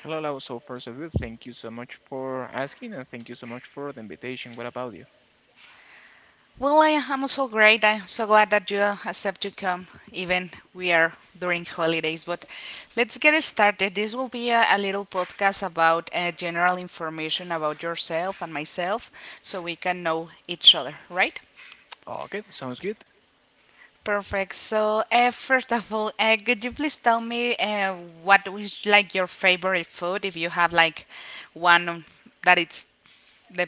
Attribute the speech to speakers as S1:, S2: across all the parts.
S1: Hello, Lau. So first of all, thank you so much for asking and thank you so much for the invitation. What about you?
S2: Well, I am also great. I'm so glad that you accept to come, even we are during holidays. But let's get started. This will be a little podcast about general information about yourself and myself, so we can know each other, right?
S1: Okay, sounds good.
S2: Perfect. So, first of all, could you please tell me what is like your favorite food? If you have like one that it's the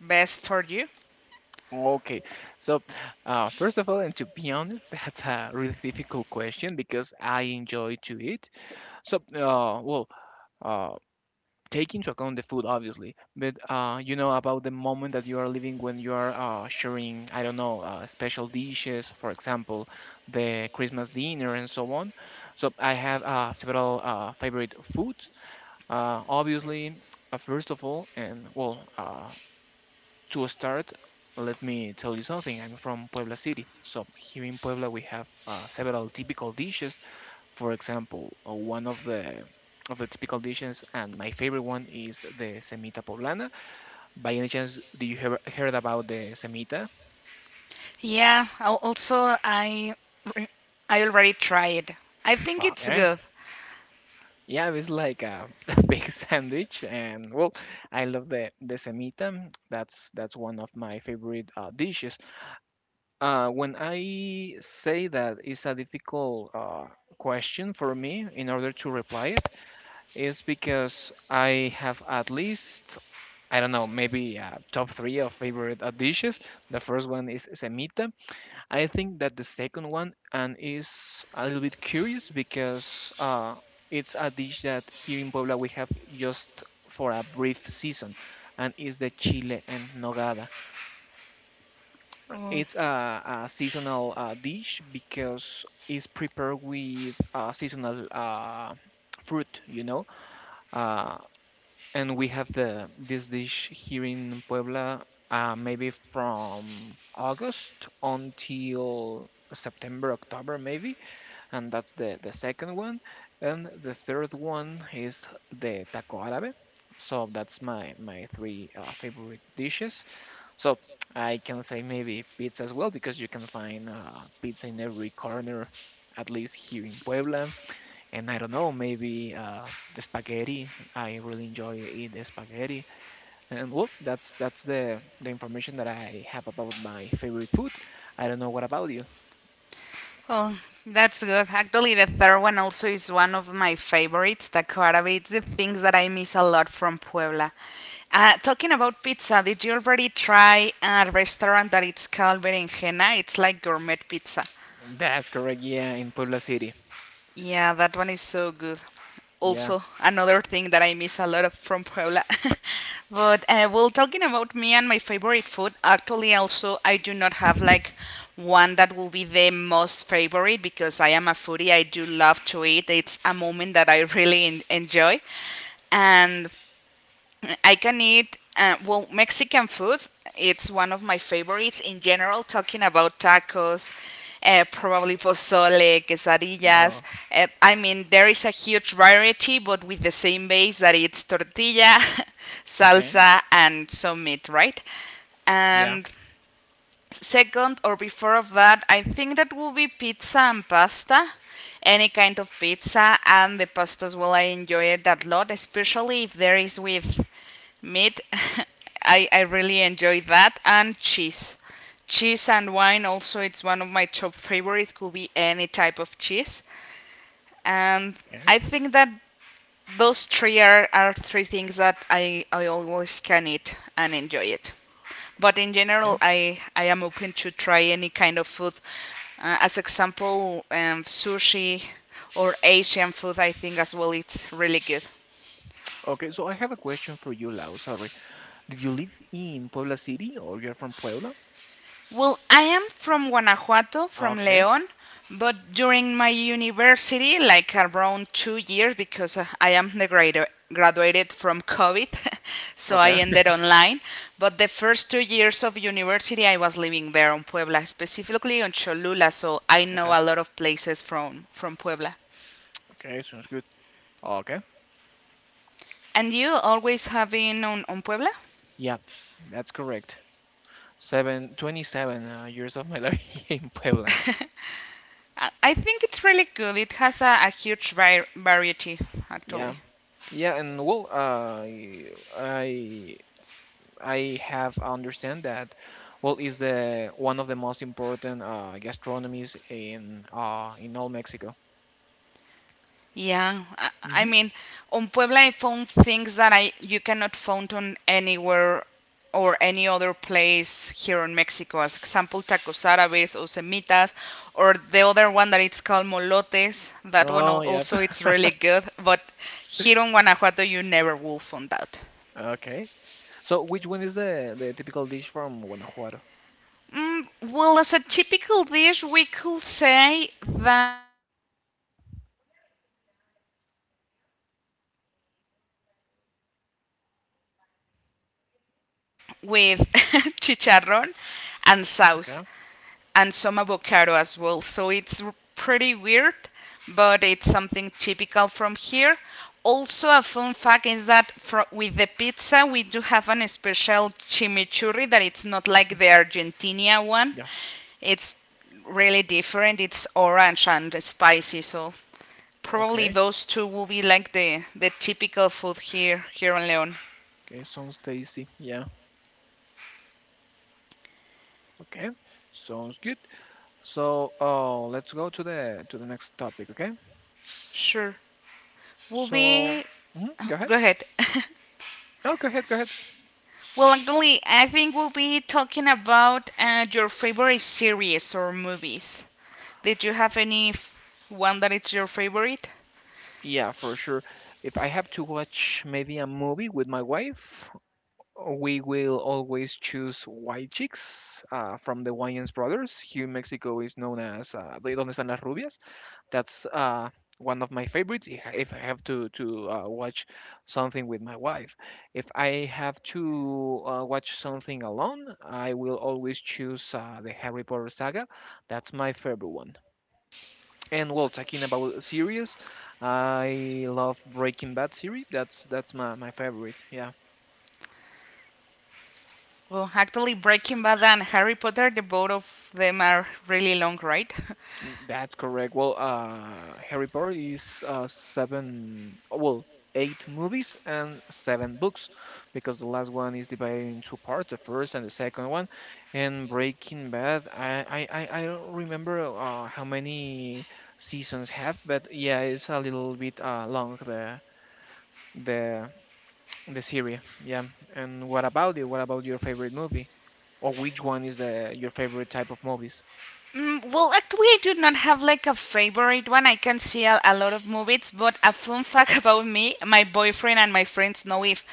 S2: best for you.
S1: Okay, so first of all, and to be honest, that's a really difficult question because I enjoy to eat. So, uh, take into account the food, obviously, but you know about the moment that you are living when you are sharing, I don't know, special dishes, for example, the Christmas dinner and so on. So I have several favorite foods. Obviously, first of all, and to start, let me tell you something. I'm from Puebla City. So here in Puebla, we have several typical dishes. For example, one of the typical dishes, and my favorite one is the semita poblana. By any chance, do you heard about the semita?
S2: Yeah, also re- I already tried. I think it's
S1: Okay.
S2: good.
S1: Yeah, it's like a big sandwich, and well, I love the semita. That's one of my favorite dishes. When I say that it's a difficult question for me in order to reply it, is because I have at least, I don't know, maybe top three of favorite dishes. The first one is semita. I think that the second one and is a little bit curious because it's a dish that here in Puebla we have just for a brief season, and is the chile en nogada.
S2: Oh,
S1: It's a seasonal dish because it's prepared with seasonal fruit, you know. Uh, and we have the this dish here in Puebla, maybe from August until September, October, maybe. And that's the second one. And the third one is the taco árabe. So that's my three favorite dishes. So I can say maybe pizza as well because you can find pizza in every corner, at least here in Puebla. And I don't know, maybe the spaghetti. I really enjoy eat the spaghetti. And well, that's the information that I have about my favorite food. I don't know what about you.
S2: oh, that's good. Actually, the third one also is one of my favorites, Taco Arabe. It's the things that I miss a lot from Puebla. Talking about pizza, did you already try a restaurant that it's called Berenjena? It's like gourmet pizza.
S1: That's correct. Yeah, in Puebla City.
S2: Yeah, that one is so good.
S1: Yeah.
S2: Also, another thing that I miss a lot of from Puebla. But well, talking about me and my favorite food, actually, also I do not have like one that will be the most favorite because I am a foodie. I do love to eat. It's a moment that I really enjoy. And I can eat well Mexican food. It's one of my favorites in general. Talking about tacos, probably pozole,
S1: Yeah.
S2: quesadillas. I mean, there is a huge variety, but with the same base that it's tortilla,
S1: Okay.
S2: salsa, and some meat, right?
S1: Yeah.
S2: And second or before of that, I think that will be pizza and pasta. Any kind of pizza and the pasta as well. I enjoy it that lot, especially if there is with meat. I really enjoy that and cheese. Cheese and wine also it's one of my top favorites. Could be any type of cheese, and
S1: Okay.
S2: I think that those three are three things that I always can eat and enjoy it. But in
S1: Okay.
S2: general, I am open to try any kind of food. As example, sushi or Asian food, I think as well, it's really good.
S1: Okay. So I have a question for you, Lau. Sorry. Did you live in Puebla City or you're from Puebla?
S2: Well, I am from Guanajuato, from
S1: Okay.
S2: León, but during my university, like around 2 years, because I am the grader, graduated from COVID, so I
S1: Okay.
S2: ended online. But the first 2 years of university, I was living there on Puebla, specifically on Cholula, so I know
S1: Okay.
S2: a lot of places from Puebla.
S1: Okay, sounds good. Okay.
S2: And you always have been on Puebla?
S1: Yeah, that's correct. Seven, 27 years of my life in Puebla.
S2: I think it's really good. It has a huge variety,
S1: Yeah.
S2: actually.
S1: Yeah, and well, uh, I I have understand that well is the one of the most important gastronomies in all Mexico.
S2: Yeah, I
S1: Hmm.
S2: mean, on Puebla I found things that I you cannot find on anywhere or any other place here in Mexico. As example, tacos árabes or semitas, or the other one that it's called molotes. That one
S1: Oh, yeah.
S2: also it's really good, but here on Guanajuato you never will find that.
S1: Okay. So which one is the typical dish from Guanajuato?
S2: Well, as a typical dish, we could say that it's something called guacamaya as the bird, but it's not related with the bird. It's a bolillo with chicharrón and sauce
S1: Okay.
S2: and some avocado as well. So it's pretty weird, but it's something typical from here. Also, a fun fact is that fro with the pizza, we do have an special chimichurri that it's not like the Argentina one.
S1: Yeah.
S2: It's really different. It's orange and spicy, so probably
S1: Okay.
S2: those two will be like the typical food here in Leon.
S1: Okay, sounds tasty. Yeah. Okay. Sounds good. So, let's go to the next topic, okay?
S2: Sure, will
S1: So,
S2: be.
S1: mhm, go ahead.
S2: Go ahead.
S1: Oh, go ahead.
S2: Well, actually, I think we'll be talking about your favorite series or movies. Did you have any one that is your favorite?
S1: Yeah, for sure. If I have to watch maybe a movie with my wife, we will always choose White Chicks from the Wayans brothers. Here in Mexico is known as de Donde Están las Rubias. That's one of my favorites. If I have to watch something with my wife, if I have to watch something alone, I will always choose the Harry Potter saga. That's my favorite one. And well, talking about series, I love Breaking Bad series. That's my, my favorite. Yeah.
S2: Well, actually, Breaking Bad and Harry Potter, the both of them are really long, right?
S1: That's correct. Well, Harry Potter is seven, well, eight movies and seven books, because the last one is divided in two parts, the first and the second one. And Breaking Bad, I don't remember how many seasons have, but yeah, it's a little bit long the the series. Yeah. And what about you? What about your favorite movie? Or which one is the your favorite type of movies?
S2: Mm, well, actually, I do not have like a favorite one. I can see a lot of movies, but a fun fact about me, my boyfriend and my friends know if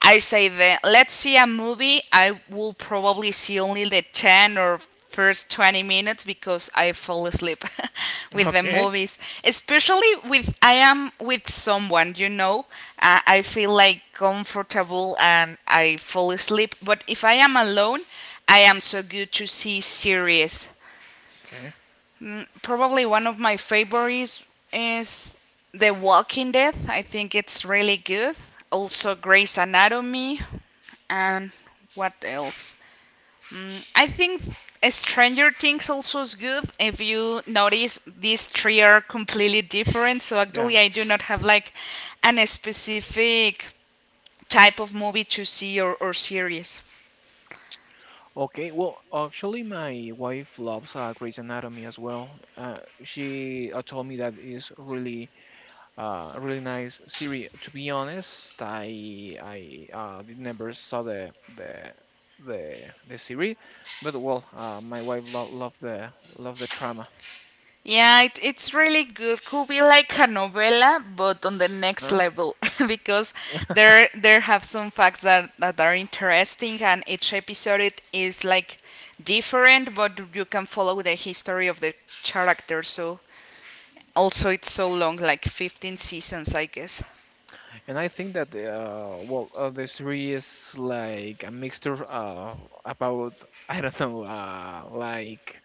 S2: I say the let's see a movie, I will probably see only the 10 or first 20 minutes because I fall asleep with the
S1: Okay.
S2: movies, especially with I am with someone, I feel like comfortable and I fall asleep, but if I am alone, I am so good to see series.
S1: Okay.
S2: Mm, probably one of my favorites is The Walking Dead. I think it's really good. Also, Grey's Anatomy. And what else? I think Stranger Things also is good. If you notice, these three are completely different. So,
S1: Yeah.
S2: actually, I do not have like an specific type of movie to see or series.
S1: Okay, well, actually, my wife loves Grey's Anatomy as well. She told me that is really, a really nice series. To be honest, I did never saw the series, but my wife lo loved the drama.
S2: Yeah, it's really good. Could be like a novella, but on the next level because there have some facts that are interesting, and each episode it is like different, but you can follow the history of the character. So also it's so long, like 15 seasons, I guess.
S1: And I think that the three is like a mixture about I don't know, like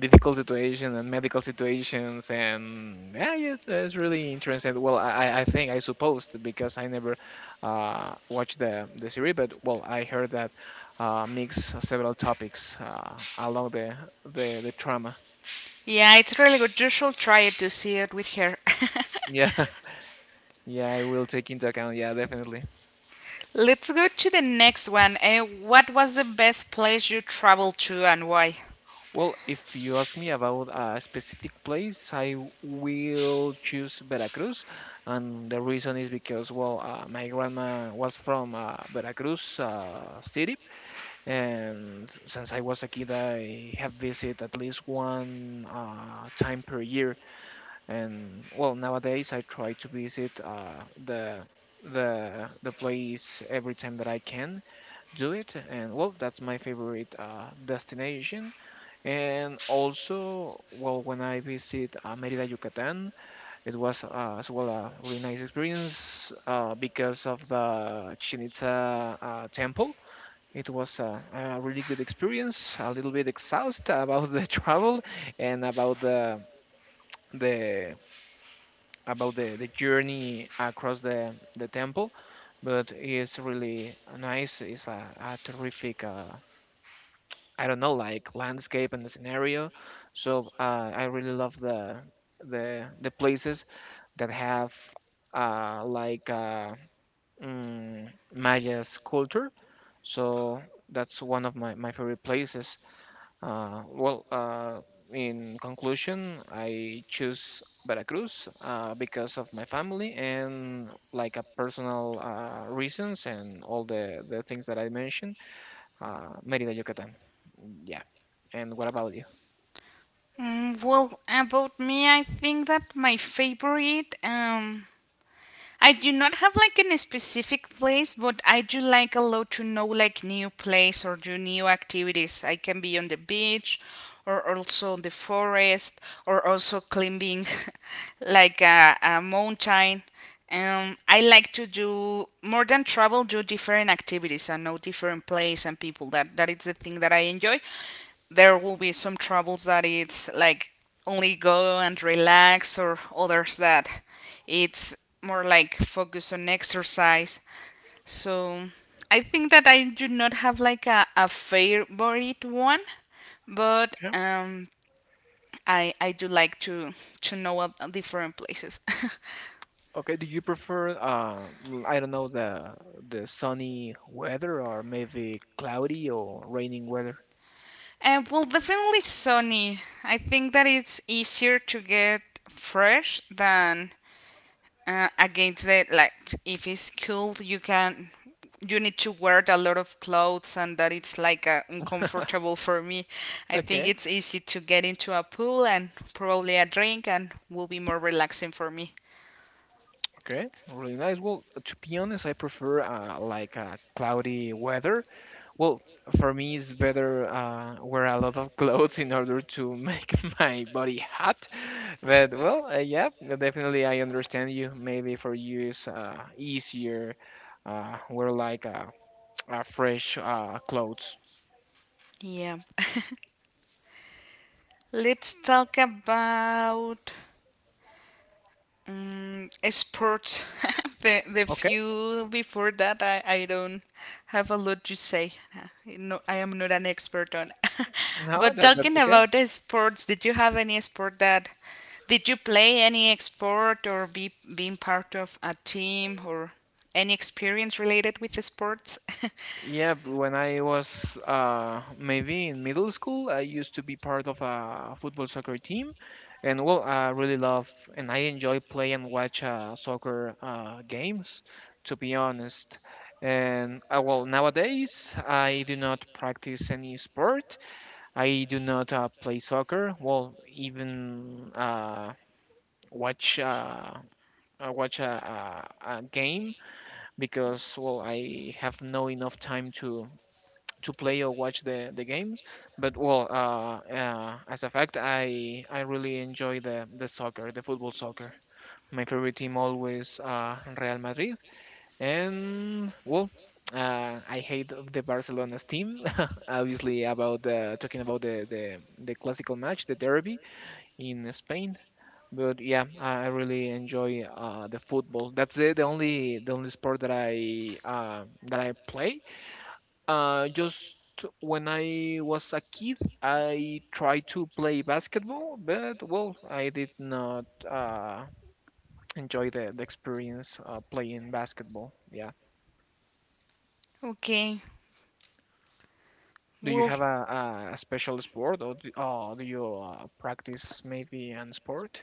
S1: difficult situation and medical situations, and yeah, it's really interesting. Well, I think I supposed because I never watched the series, but well, I heard that mix several topics along the trauma.
S2: Yeah, it's really good. You should try it to see it with her.
S1: Yeah, yeah, I will take into account. Yeah, definitely.
S2: Let's go to the next one. What was the best place you traveled to and why?
S1: Well, if you ask me about a specific place, I will choose Veracruz, and the reason is because, well, my grandma was from Veracruz city, and since I was a kid, I have visited at least one time per year, and well, nowadays I try to visit the place every time that I can do it, and well, that's my favorite destination and also, well, when I visit Mérida, Yucatán, it was as well a really nice experience because of the Chichen Itza temple. It was a really good experience. A little bit exhausted about the travel and the about the journey across the temple, but it's really nice. It's a terrific I don't know, like landscape and the scenario. So I really love the places that have uh, like uh, Maya's culture. So that's one of my, my favorite places. Uh, well, uh, in conclusion, I choose Veracruz because of my family and like a personal reasons and all the things that I mentioned. Mérida, Yucatán. Yeah. And what about you?
S2: Mm, well, about me, I think that my favorite I do not have like a specific place, but I do like a lot to know like new place or do new activities. I can be on the beach or also the forest or also climbing like a mountain. I like to do more than travel, do different activities and know different place and people. That is the thing that I enjoy. There will be some travels that it's like only go and relax or others that it's more like focus on exercise. So I think that I do not have like a favorite one, but
S1: Yeah.
S2: I do like to know of different places.
S1: Okay. Do you prefer, I don't know, the sunny weather or maybe cloudy or raining weather?
S2: And well, definitely sunny. I think that it's easier to get fresh than against the like if it's cold you can you need to wear a lot of clothes and that it's like uncomfortable for me. I think
S1: Okay.
S2: it's easy to get into a pool and probably a drink and will be more relaxing for me.
S1: Okay, really nice. Well, to be honest, I prefer cloudy weather. Well, for me, it's better wear a lot of clothes in order to make my body hot. But well, yeah, definitely I understand you. Maybe for you it's easier wear like fresh clothes.
S2: Yeah, let's talk about mm, sports. The
S1: Okay.
S2: few before that, I don't have a lot to say. No, I am not an expert on.
S1: No,
S2: But
S1: that that's
S2: talking
S1: okay.
S2: about the sports, did you have any sport did you play any sport or be being part of a team or any experience related with the sports?
S1: Yeah, but when I was maybe in middle school, I used to be part of a football soccer team, and well, I really love and I enjoy play and watch soccer games, to be honest. And well, nowadays I do not practice any sport. I do not play soccer. Well, even watch uh, watch a game because well I have no enough time to play or watch the games. But well, as a fact, I really enjoy the soccer, the football soccer. My favorite team always Real Madrid, and well. I hate the Barcelona's team. Obviously, about talking about the, the classical match, the derby in Spain. But yeah, I really enjoy the football. That's it, the only sport that I that I play. Just when I was a kid, I tried to play basketball, but well, I did not enjoy the experience playing basketball. Yeah.
S2: Okay.
S1: Do you
S2: Well,
S1: have a, a special sport, or do you practice maybe an sport?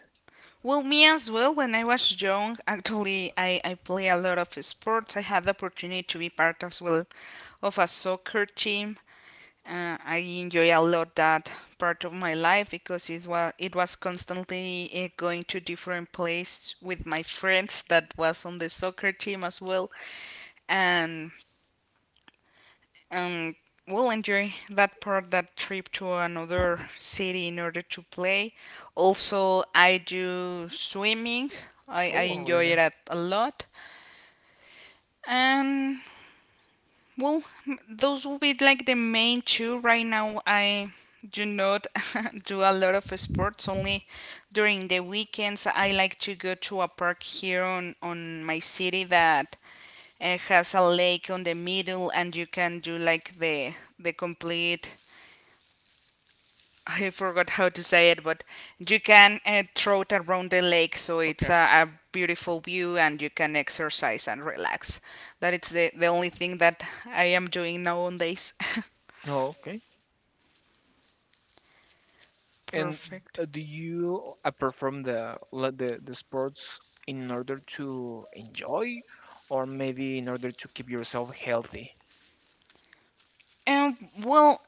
S2: me as well. When I was young, actually, I play a lot of sports. I had the opportunity to be part as well of a soccer team. I enjoy a lot that part of my life because it was constantly going to different places with my friends that was on the soccer team as well, and um, will enjoy that part that trip to another city in order to play. Also, I do swimming. I
S1: Oh, really
S2: enjoy it
S1: nice.
S2: a lot, and well, those will be like the main two. Right now, I do not do a lot of sports. Only during the weekends, I like to go to a park here on my city that has a lake on the middle, and you can do like the complete. I forgot how to say it, but you can troot around the lake, so it's
S1: Okay.
S2: a beautiful view, and you can exercise and relax. That is the only thing that I am doing nowadays.
S1: Oh, okay. And
S2: Perfect.
S1: do you, apart from the le- the sports, in order to enjoy, or maybe in order to keep yourself healthy?
S2: Well,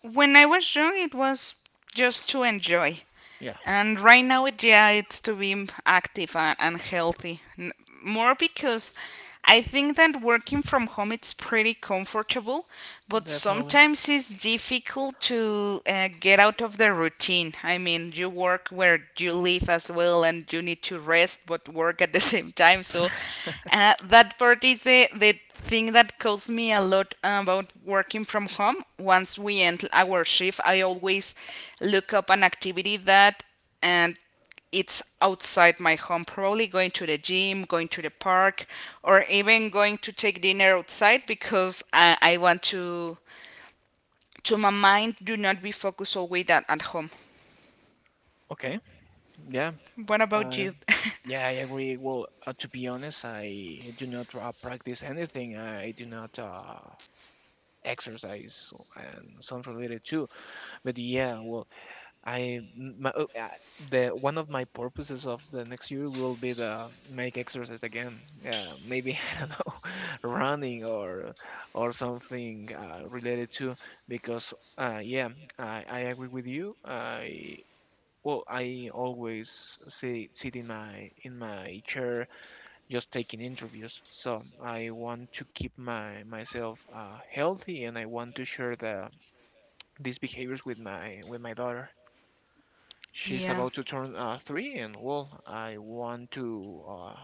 S2: when I was young, it was just to enjoy.
S1: Yeah,
S2: And right now, it, yeah, it's to be active and healthy. More because I think that working from home it's pretty comfortable, but
S1: definitely.
S2: sometimes it's difficult to get out of the routine. I mean, you work where you live as well, and you need to rest but work at the same time. So that part is the thing that caused me a lot about working from home. Once we end our shift, I always look up an activity that and it's outside my home, probably going to the gym, going to the park, or even going to take dinner outside because I want to my mind do not be focused always at home.
S1: Okay. Yeah.
S2: What about
S1: Uh,
S2: you?
S1: yeah, I agree. Well, to be honest, I do not practice anything. I do not exercise and something related too. But yeah, well, I my, oh, uh, the one of my purposes of the next year will be the make exercise again. Yeah, maybe I don't know, running or something related to because yeah, I agree with you. I always sit in my chair just taking interviews. So I want to keep my myself healthy and I want to share these behaviors with my daughter. She's
S2: Yeah.
S1: about to turn three, and well, I want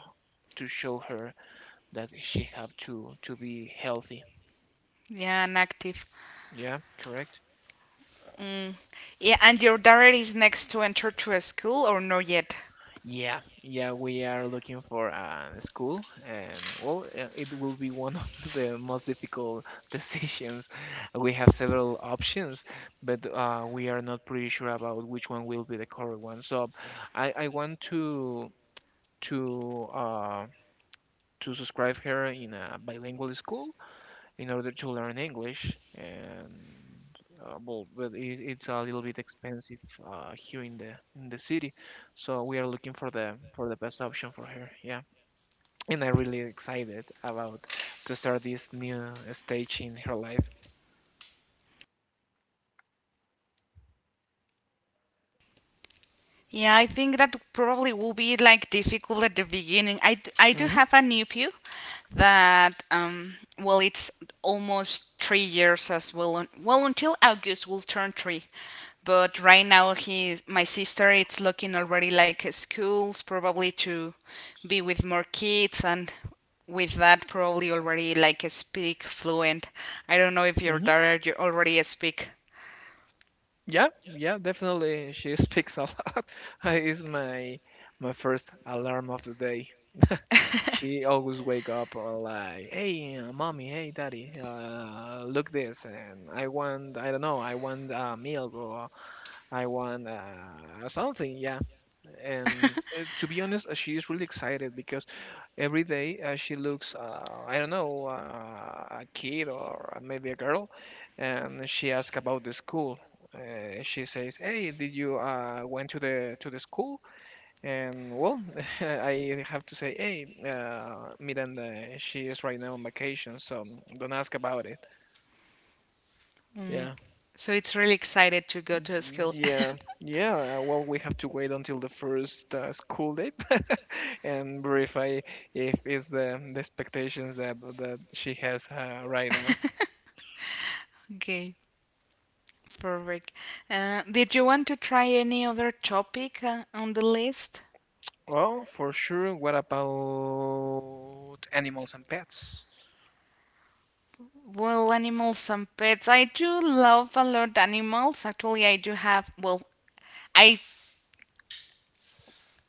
S1: to show her that she have to be healthy.
S2: Yeah, and active.
S1: Yeah, correct.
S2: Mm. Yeah, and your daughter is next to enter to a school or not yet?
S1: Yeah, yeah, we are looking for a school, and well, it will be one of the most difficult decisions. We have several options, but we are not pretty sure about which one will be the correct one. So, I want to to uh to subscribe her in a bilingual school in order to learn English. And but it's a little bit expensive, here in the city, so we are looking for the best option for her. Yeah, and I'm really excited about to start this new stage in her life.
S2: Yeah, I think that probably will be like difficult at the beginning. I do
S1: hmm
S2: have a nephew that well it's almost 3 years as well well until August will turn three, but right now he's my sister it's looking already like schools probably to be with more kids and with that probably already like speak fluent. I don't know if your
S1: hmm
S2: daughter you already speak.
S1: Yeah, yeah, definitely. She speaks a lot. Is my first alarm of the day. She always wake up like, "Hey, mommy, hey, daddy, look this, and I want, I don't know, I want milk or I want something." Yeah, and to be honest, she is really excited because every day she looks, I don't know, a kid or maybe a girl, and she asks about the school. She says, "Hey, did you went to the school?" And well, I have to say, hey, Miranda, she is right now on vacation, so don't ask about it. Yeah.
S2: So it's really excited to go to a school.
S1: Yeah. Yeah. Well, we have to wait until the first school day and verify if it's the expectations that she has right now.
S2: Okay. Perfect. Did you want to try any other topic on the list?
S1: Well, for sure. What about animals and pets?
S2: Well, animals and pets. I do love a lot animals. Actually, I do have. Well, I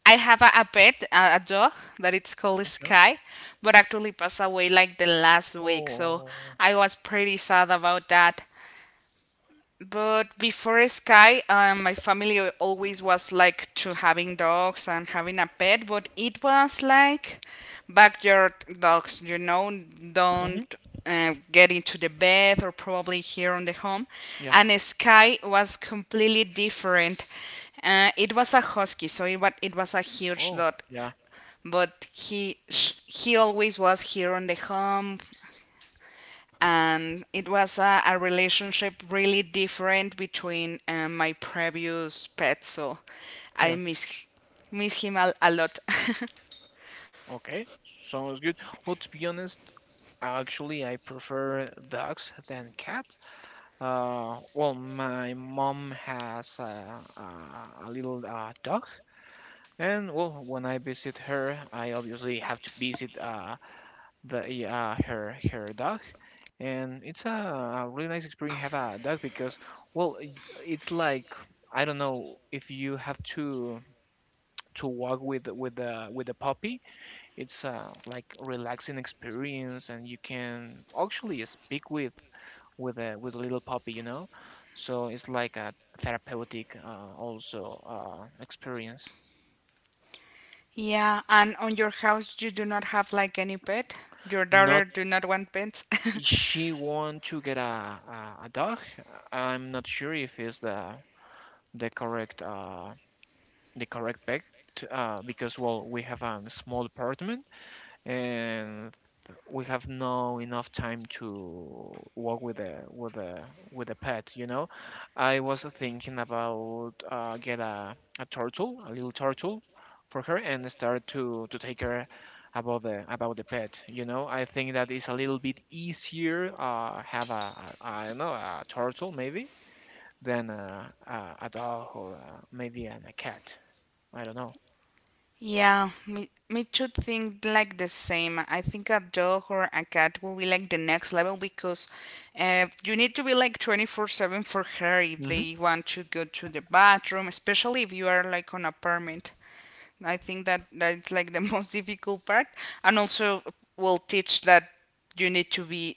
S2: I have a pet, a dog that it's called
S1: Okay.
S2: Sky, but actually passed away like the last week. So
S1: Oh.
S2: I was pretty sad about that. But before Sky, my family always was like to having dogs and having a pet, but it was like backyard dogs,
S1: Mm-hmm.
S2: don't get into the bed or probably here on the home.
S1: Yeah.
S2: And Sky was completely different. It was a husky, so it was a huge
S1: Oh,
S2: dog,
S1: yeah.
S2: but he always was here on the home and it was a relationship really different between my previous pet. So i
S1: Yeah.
S2: miss miss him a lot.
S1: Okay. Sounds good. Well, to be honest, actually, I prefer dogs than cats. Well, my mom has a little dog, and well, when I visit her, I obviously have to visit the her dog, and it's a really nice experience have a dog because well, it's like I don't know if you have to walk with with the puppy. It's like relaxing experience, and you can actually speak with with a little puppy, you know. So it's like a therapeutic also experience.
S2: Yeah, and on your house you do not have like any pet? Your daughter
S1: Not,
S2: do not want pets?
S1: she want to get a dog. I'm not sure if it's the correct the correct pet. Because well, we have a small apartment, and we have no enough time to walk with the pet, you know. I was thinking about get a turtle, a little turtle for her, and start to take care about the pet, you know. I think that is a little bit easier have a I don't know, a turtle, maybe, than a dog or maybe a cat. I don't know.
S2: Yeah, me too think like the same. I think a dog or a cat will be like the next level, because you need to be like 24 7 for her if
S1: hmm
S2: they want to go to the bathroom, especially if you are like on apartment. I think that that's like the most difficult part, and also will teach that you need to be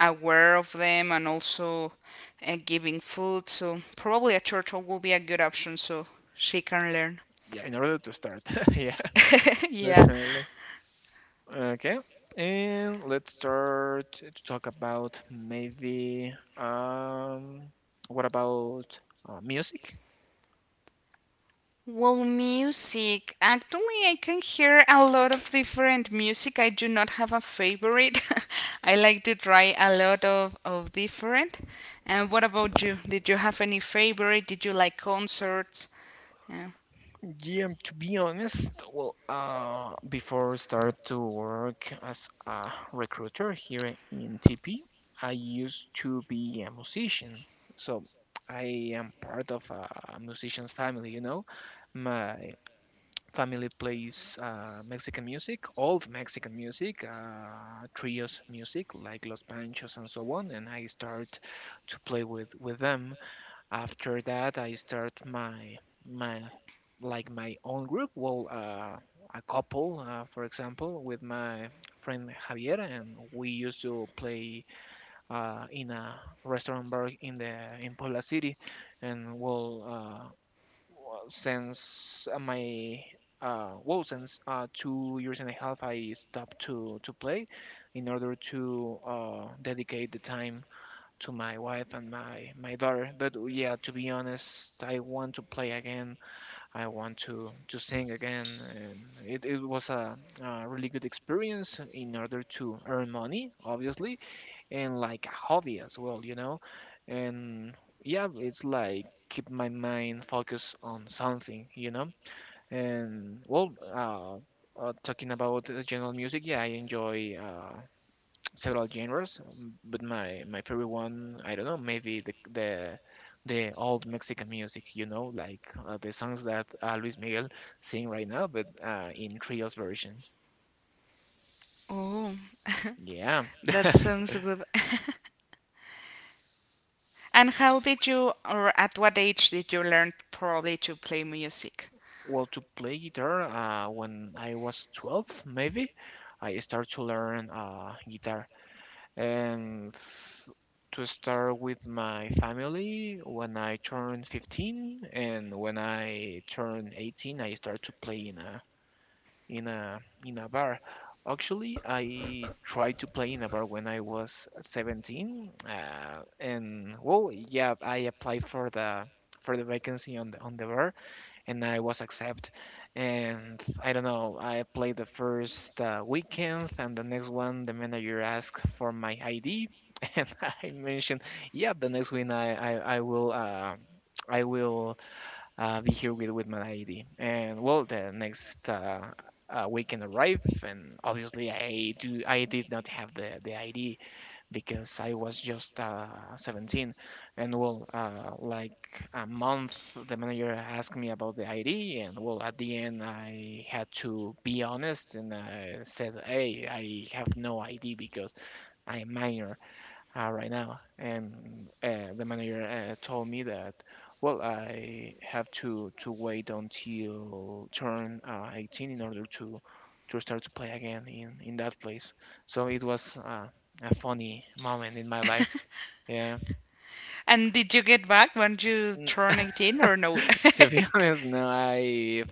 S2: aware of them, and also giving food. So probably a turtle will be a good option, so she can learn.
S1: yeah, in order to start. Yeah,
S2: Yeah.
S1: definitely. Okay, and let's start to talk about maybe what about music?
S2: Well, music. Actually, I can hear a lot of different music. I do not have a favorite. I like to try a lot of different. And what about you? Did you have any favorite? Did you like concerts? Yeah.
S1: Yeah, to be honest, well, before I start to work as a recruiter here in TP, I used to be a musician, so I am part of a musician's family, you know. My family plays Mexican music, old Mexican music, trios music like Los Panchos and so on, and I start to play with them. After that, I start my my like my own group. Well, a couple, for example, with my friend Javier, and we used to play in a restaurant bar in the in Puebla City, and well. Well, since my well, since 2 years and a half, I stopped to play in order to dedicate the time to my wife and my daughter. But yeah, to be honest, I want to play again. I want to sing again, and it was a really good experience in order to earn money, obviously, and like a hobby as well, you know? And yeah, it's like keep my mind focused on something, you know? And talking about the general music, yeah, I enjoy several genres, but my favorite one, I don't know, maybe the the old Mexican music, you know, like the songs that Luis Miguel sing right now, but in trios version.
S2: Oh.
S1: Yeah.
S2: That sounds good. And how did you, or at what age did you learn probably to play music?
S1: Well, to play guitar, when I was 12, maybe, I started to learn guitar. And to start with my family, when I turned 15, and when I turned 18, I started to play in a in a bar. Actually, I tried to play in a bar when I was 17, and well, yeah, I applied for the vacancy on the bar, and I was accepted. And I don't know, I played the first weekend, and the next one, the manager asked for my ID, and I mentioned, yeah, the next week I will. I will be here with my ID. And well, the next weekend arrived, and obviously I did not have the ID because I was just 17. And well, like a month, the manager asked me about the ID, and well, at the end, I had to be honest, and I said, "Hey, I have no ID because." I'm minor right now. And the manager told me that, well, I have to wait until turn 18 in order to start to play again in that place. So it was a funny moment in my life. Yeah.
S2: And did you get back when you
S1: Mm,
S2: turned 18 or no?
S1: to be honest, no, I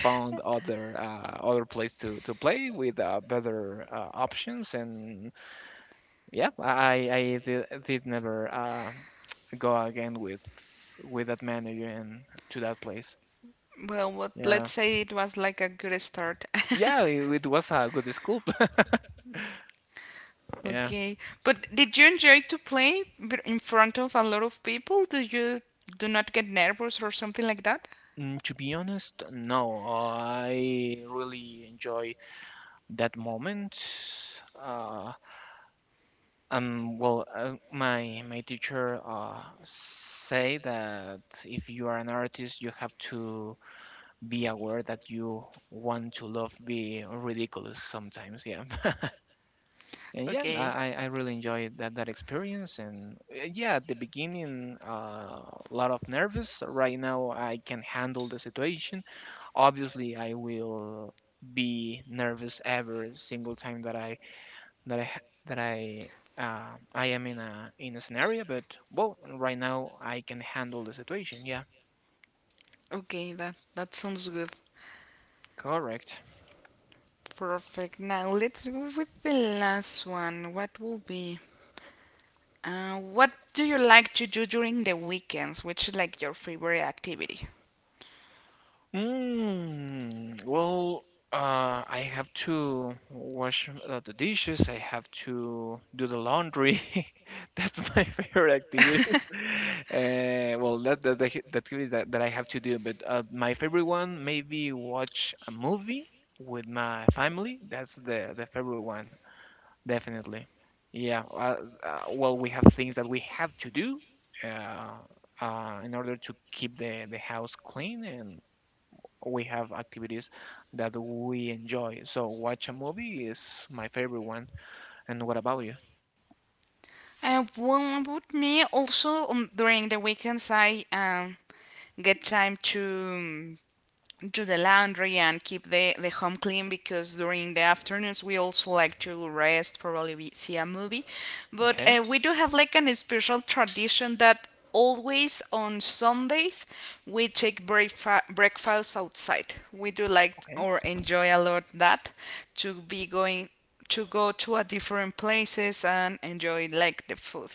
S1: found other other place to play with better options, and yeah, did never go again with that manager and to that place.
S2: Well, what,
S1: Yeah,
S2: let's say it was like a good start.
S1: yeah, it was a good school. Yeah.
S2: Okay. But did you enjoy to play in front of a lot of people? Do you do not get nervous or something like that?
S1: Mm, to be honest, no, I really enjoy that moment. Uh, well, my teacher say that if you are an artist, you have to be aware that you want to love be ridiculous sometimes. Yeah. And yeah,
S2: Okay.
S1: I really enjoyed that experience. And yeah, at the beginning, a lot of nervous. Right now, I can handle the situation. Obviously, I will be nervous every single time that that I ha- that I I am in a scenario. But well, right now, I can handle the situation. Yeah,
S2: Okay, that that sounds good.
S1: correct.
S2: Perfect. Now let's go with the last one. What will be? What do you like to do during the weekends? Which is like your favorite activity?
S1: Mm, well, I have to wash the dishes. I have to do the laundry. That's my favorite activity. Well, that activity that I have to do. But my favorite one, maybe watch a movie with my family. That's the favorite one, definitely. Yeah. Well, we have things that we have to do. Uh, in order to keep the house clean, and we have activities that we enjoy. So watch a movie is my favorite one. And what about you?
S2: Well, about me, also during the weekends, I get time to um, do the laundry and keep the home clean, because during the afternoons we also like to rest, probably we see a movie. But
S1: Okay,
S2: we do have like an special tradition that always on Sundays we take breakfast outside. We do like
S1: okay,
S2: or enjoy a lot that to be going to go to a different places and enjoy like the food,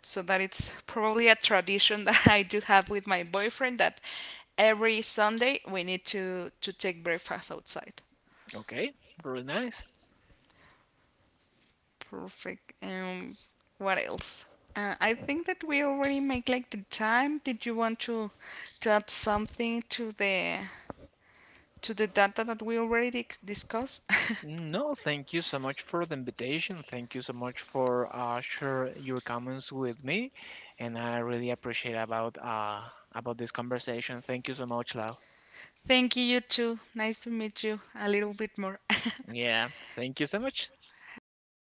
S2: so that it's probably a tradition that I do have with my boyfriend, that every Sunday we need to take breakfast outside.
S1: okay. Really nice.
S2: Perfect. Um, what else? Uh, I think that we already make like the time. Did you want to add something to the data that we already discussed?
S1: No, thank you so much for the invitation. Thank you so much for share your comments with me, and I really appreciate about this conversation. Thank you so much, Lau.
S2: Thank you, you too. Nice to meet you a little bit more.
S1: Yeah, thank you so much.
S2: Have a nice